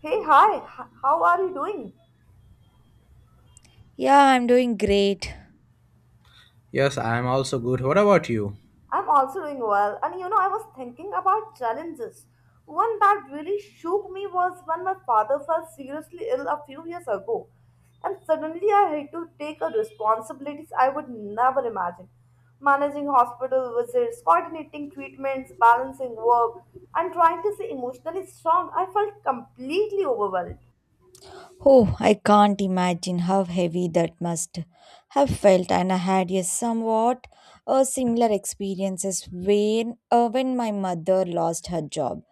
Hey, hi, how are you doing? Yeah, I'm doing great. Yes, I am also good. What about you? I'm also doing well. And you know, I was thinking about challenges. One that really shook me was when my father fell seriously ill a few years ago. And suddenly I had to take on responsibilities I would never imagine. Managing hospital visits, coordinating treatments, balancing work, and trying to stay emotionally strong, I felt completely overwhelmed. Oh, I can't imagine how heavy that must have felt. And I had a somewhat similar experiences when my mother lost her job,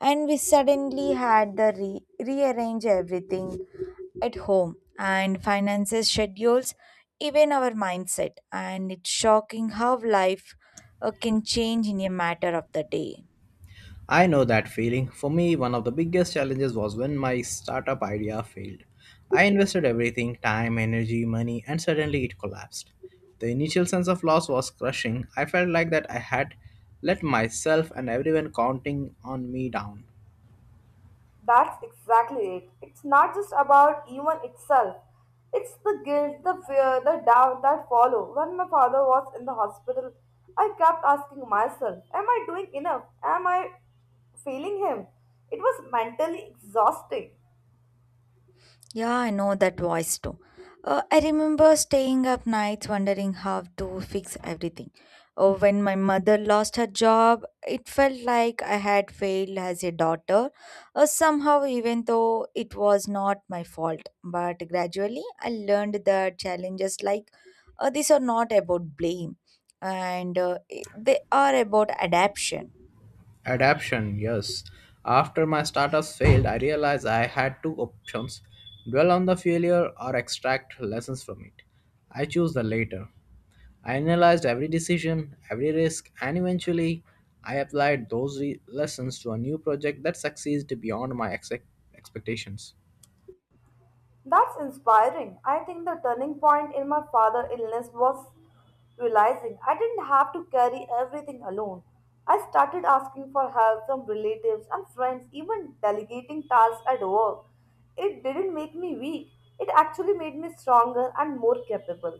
and we suddenly had to rearrange everything at home and finances, schedules, even our mindset. And it's shocking how life can change in a matter of the day. I know that feeling. For me, one of the biggest challenges was when my startup idea failed. I invested everything time, energy, money and suddenly it collapsed. The initial sense of loss was crushing. I felt like that I had let myself and everyone counting on me down. That's exactly it. It's not just about even itself. It's the guilt, the fear, the doubt that follow. When my father was in the hospital, I kept asking myself, am I doing enough? Am I failing him? It was mentally exhausting. Yeah, I know that voice too. I remember staying up nights wondering how to fix everything. Oh, when my mother lost her job, it felt like I had failed as a daughter. Somehow, even though it was not my fault, but gradually I learned that challenges like these are not about blame, and they are about adaptation. Adaption, yes. After my startups failed, I realized I had two options dwell on the failure or extract lessons from it. I chose the latter. I analyzed every decision, every risk, and eventually I applied those lessons to a new project that succeeded beyond my expectations. That's inspiring. I think the turning point in my father's illness was realizing I didn't have to carry everything alone. I started asking for help from relatives and friends, even delegating tasks at work. It didn't make me weak, it actually made me stronger and more capable.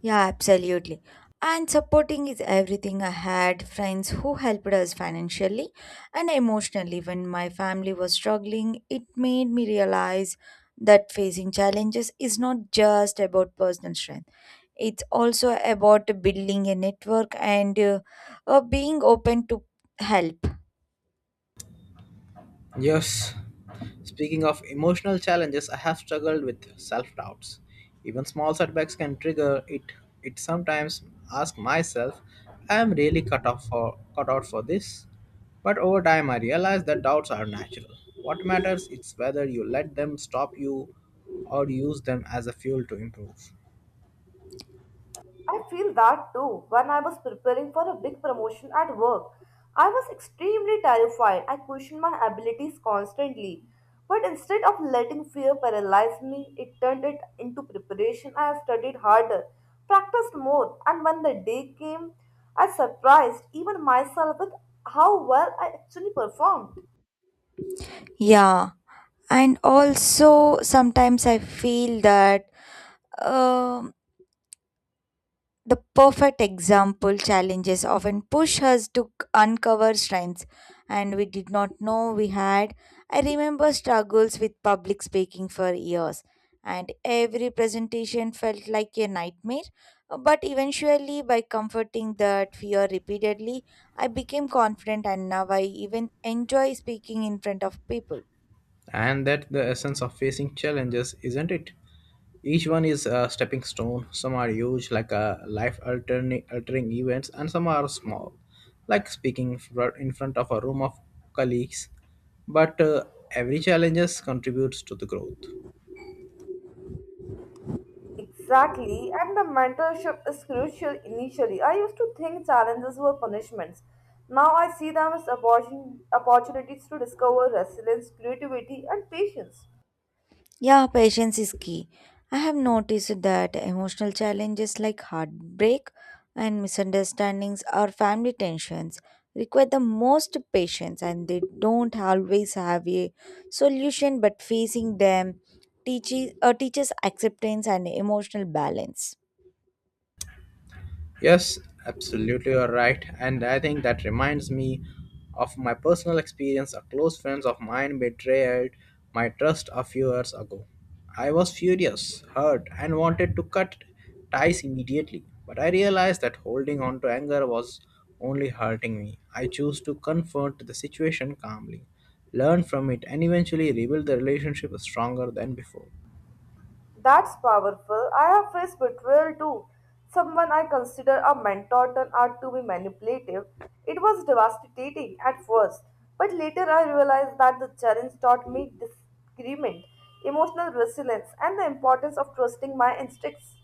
Yeah, absolutely. And supporting is everything. I had friends who helped us financially and emotionally when my family was struggling. It made me realize that facing challenges is not just about personal strength, it's also about building a network and being open to help. Yes, speaking of emotional challenges, I have struggled with self doubts. Even small setbacks can trigger it. It sometimes ask myself, I am really cut out for this. But over time I realize that doubts are natural. What matters is whether you let them stop you or use them as a fuel to improve. I feel that too. When I was preparing for a big promotion at work, I was extremely terrified. I questioned my abilities constantly. But instead of letting fear paralyze me, it turned it into preparation. I studied harder, practiced more, and when the day came, I surprised even myself with how well I actually performed. Yeah, and also sometimes I feel that. um The perfect example challenges often push us to uncover strengths and we did not know we had. I remember struggles with public speaking for years, and every presentation felt like a nightmare. But eventually, by comforting that fear repeatedly, I became confident and now I even enjoy speaking in front of people. And that the essence of facing challenges, isn't it? Each one is a stepping stone. Some are huge, like a life altering events, and some are small, like speaking in front of a room of colleagues. But every challenges contributes to the growth. Exactly, and the mentorship is crucial initially. I used to think challenges were punishments. Now I see them as opportunities to discover resilience, creativity, and patience. Yeah, patience is key. I have noticed that emotional challenges like heartbreak and misunderstandings or family tensions require the most patience and they don't always have a solution but facing them teaches teaches acceptance and emotional balance. Yes, absolutely, you're right. And I think that reminds me of my personal experience. A close friend of mine betrayed my trust a few years ago. I was furious, hurt, and wanted to cut ties immediately. But I realized that holding on to anger was only hurting me. I chose to confront the situation calmly, learn from it, and eventually rebuild the relationship stronger than before. That's powerful. I have faced betrayal too. Someone I consider a mentor turned out to be manipulative. It was devastating at first, but later I realized that the challenge taught me disagreement, emotional resilience, and the importance of trusting my instincts.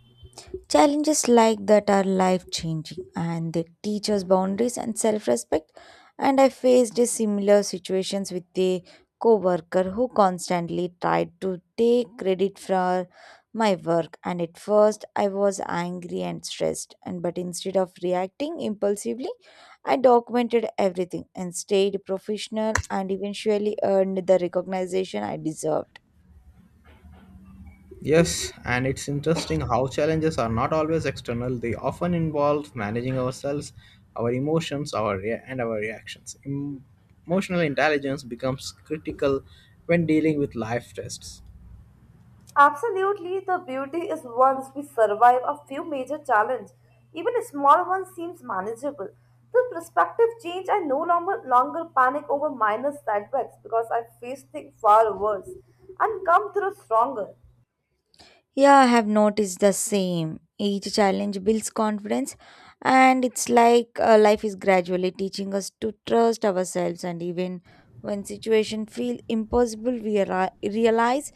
Challenges like that are life changing and they teach us boundaries and self respect. And I faced a similar situations with a coworker who constantly tried to take credit for my work and at first I was angry and stressed and but instead of reacting impulsively I documented everything and stayed professional and eventually earned the recognition I deserved. Yes, and it's interesting how challenges are not always external. They often involve managing ourselves, our emotions, and our reactions. Emotional intelligence becomes critical when dealing with life tests. Absolutely, the beauty is once we survive a few major challenges, even a small one seems manageable. The perspective change, I no longer panic over minor setbacks because I face things far worse and come through stronger. Yeah, I have noticed the same. Each challenge builds confidence, and it's like life is gradually teaching us to trust ourselves. And even when situation feel impossible, we realize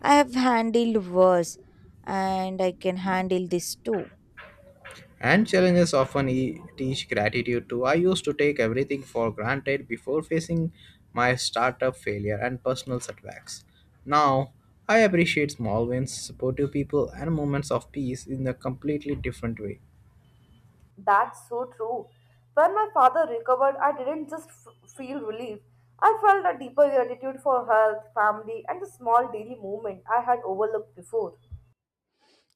I have handled worse, and I can handle this too. And challenges often teach gratitude too. I used to take everything for granted before facing my startup failure and personal setbacks. Now, I appreciate small wins, supportive people, and moments of peace in a completely different way. That's so true. When my father recovered, I didn't just feel relief. I felt a deeper gratitude for health, family, and the small daily movement I had overlooked before.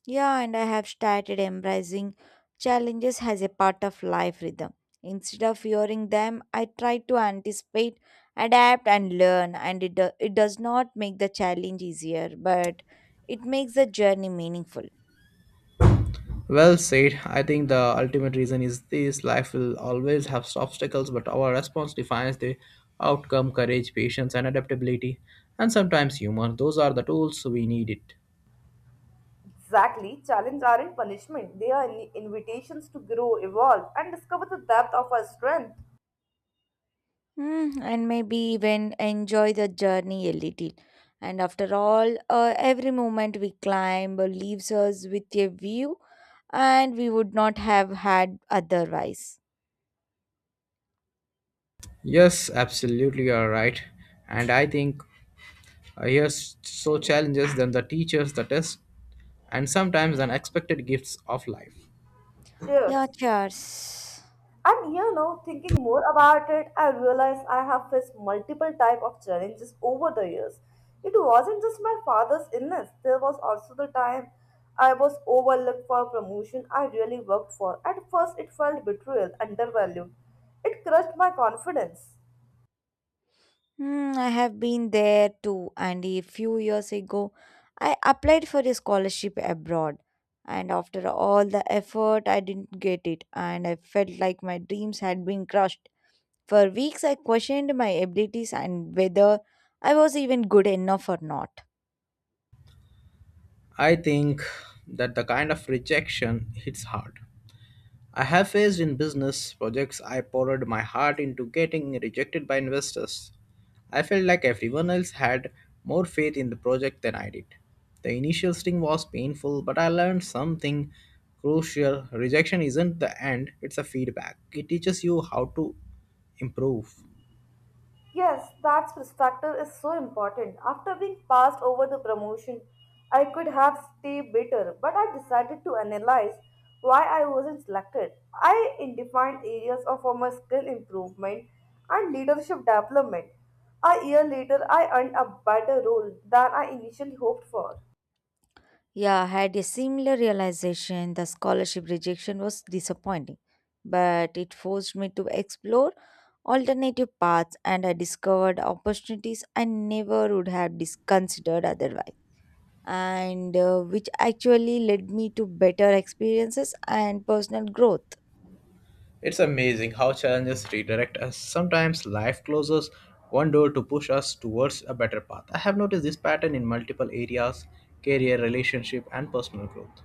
Yeah, and I have started embracing challenges as a part of life rhythm. Instead of fearing them, I try to anticipate, adapt, and learn. And it does not make the challenge easier, but it makes the journey meaningful. Well said. I think the ultimate reason is this life will always have obstacles, but our response defines the outcome courage, patience, and adaptability, and sometimes humor. Those are the tools we need it. Exactly, challenges aren't punishment, they are invitations to grow, evolve, and discover the depth of our strength. Hmm, and maybe even enjoy the journey a little. And after all, every moment we climb leaves us with a view, and we would not have had otherwise. Yes, absolutely, you are right. And I think here's so challenges than the teachers, the test, and sometimes unexpected gifts of life. Yeah, Cheers. cheers. And you know, thinking more about it, I realized I have faced multiple type of challenges over the years. It wasn't just my father's illness. There was also the time I was overlooked for a promotion I really worked for. At first, it felt betrayal, undervalued. It crushed my confidence. Hmm, I have been there too, and a few years ago, I applied for a scholarship abroad. And after all the effort, I didn't get it, and I felt like my dreams had been crushed. For weeks, I questioned my abilities and whether I was even good enough or not. I think that the kind of rejection hits hard I have faced in business projects I poured my heart into getting rejected by investors. I felt like everyone else had more faith in the project than I did. The initial sting was painful, but I learned something crucial. Rejection isn't the end, it's a feedback. It teaches you how to improve. Yes, that perspective is so important. After being passed over the promotion, I could have stayed bitter, but I decided to analyze why I wasn't selected. I identified areas of my skill improvement and leadership development. A year later, I earned a better role than I initially hoped for. Yeah, I had a similar realization the scholarship rejection was disappointing, but it forced me to explore alternative paths and I discovered opportunities I never would have considered otherwise, and which actually led me to better experiences and personal growth. It's amazing how challenges redirect us. Sometimes life closes one door to push us towards a better path. I have noticed this pattern in multiple areas career, relationship, and personal growth.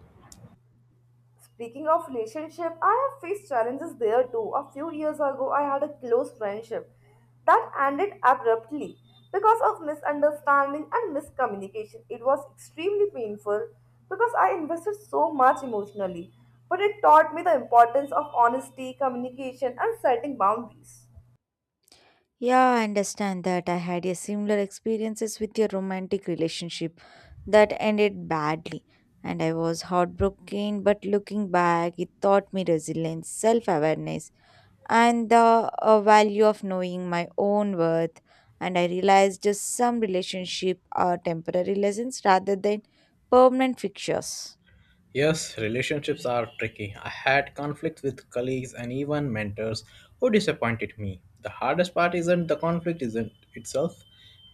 Speaking of relationship, I have faced challenges there too. A few years ago, I had a close friendship that ended abruptly because of misunderstanding and miscommunication. It was extremely painful because I invested so much emotionally, but it taught me the importance of honesty, communication, and setting boundaries. Yeah, I understand that I had a similar experiences with a romantic relationship that ended badly and I was heartbroken but looking back it taught me resilience, self-awareness and the value of knowing my own worth. And I realized just some relationship are temporary lessons rather than permanent fixtures. Yes, relationships are tricky. I had conflicts with colleagues and even mentors who disappointed me. The hardest part isn't the conflict isn't itself,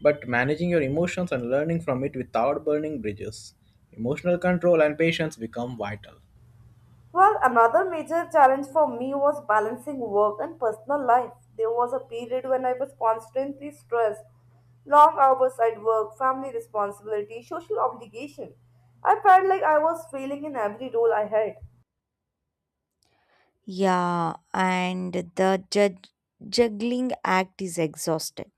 but managing your emotions and learning from it without burning bridges. Emotional control and patience become vital. Well, another major challenge for me was balancing work and personal life. There was a period when I was constantly stressed, long hours at work, family responsibility, social obligation. I felt like I was failing in every role I had. Yeah, and the juggling act is exhausted.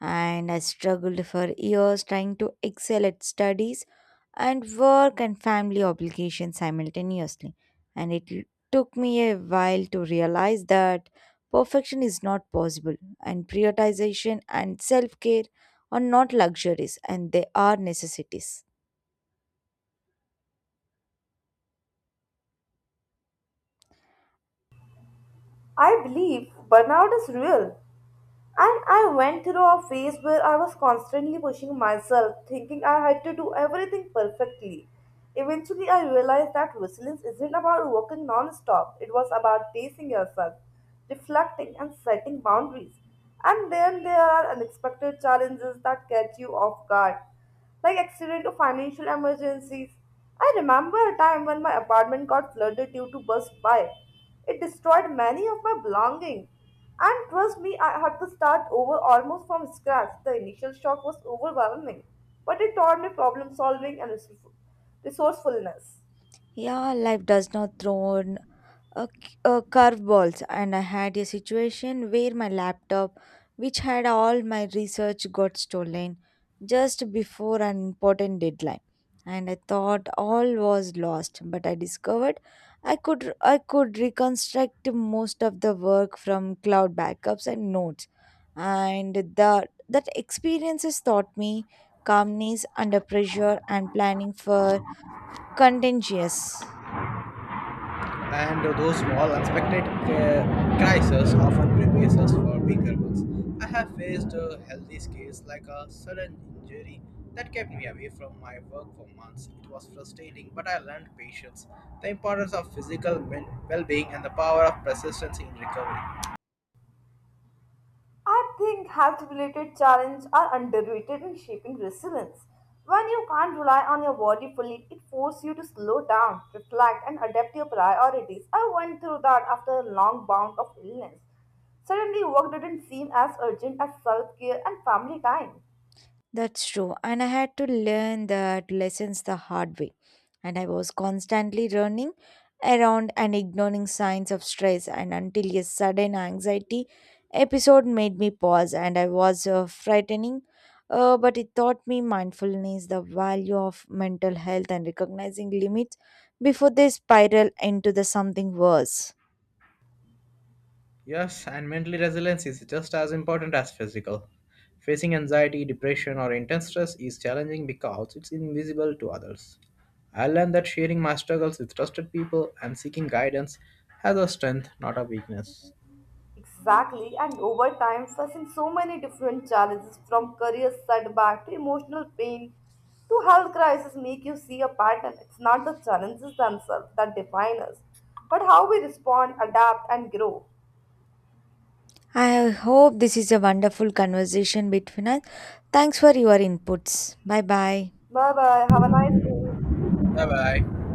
And I struggled for years trying to excel at studies and work and family obligations simultaneously. And took me a while to realize that perfection is not possible, and prioritization and self care are not luxuries and they are necessities. I believe burnout is real. And I went through a phase where I was constantly pushing myself, thinking I had to do everything perfectly. Eventually, I realized that resilience isn't about working non stop, it was about pacing yourself, reflecting, and setting boundaries. And then there are unexpected challenges that catch you off guard like accident or financial emergencies. I remember a time when my apartment got flooded due to burst pipe. It destroyed many of my belongings. And trust me, I had to start over almost from scratch. The initial shock was overwhelming, but it taught me problem solving and resourcefulness. Yeah, life does not throw curveballs and I had a situation where my laptop which had all my research got stolen just before an important deadline and I thought all was lost but I discovered I could reconstruct most of the work from cloud backups and notes and that experiences taught me calmness under pressure and planning for contingencies. And those small unexpected crises often prepares us for bigger ones. I have faced a healthy case like a sudden injury that kept me away from my work for months. It was frustrating, but I learned patience, the importance of physical well-being, and the power of persistence in recovery. I think health related challenges are underrated in shaping resilience. When you can't rely on your body fully, it forces you to slow down, reflect, and adapt your priorities. I went through that after a long bout of illness. Suddenly, work didn't seem as urgent as self care and family time. That's true. And I had to learn that lessons the hard way. And I was constantly running around and ignoring signs of stress and until a sudden anxiety episode made me pause and I was frightening. But it taught me mindfulness, the value of mental health and recognizing limits before they spiral into the something worse. Yes, and mental resilience is just as important as physical. Facing anxiety, depression, or intense stress is challenging because it's invisible to others. I learned that sharing my struggles with trusted people and seeking guidance has a strength, not a weakness. Exactly, and over time, facing so many different challenges from career setback to emotional pain to health crisis make you see a pattern. It's not the challenges themselves that define us, but how we respond, adapt, and grow. I hope this is a wonderful conversation between us. Thanks for your inputs. Bye bye. Bye bye. Have a nice day. Bye bye.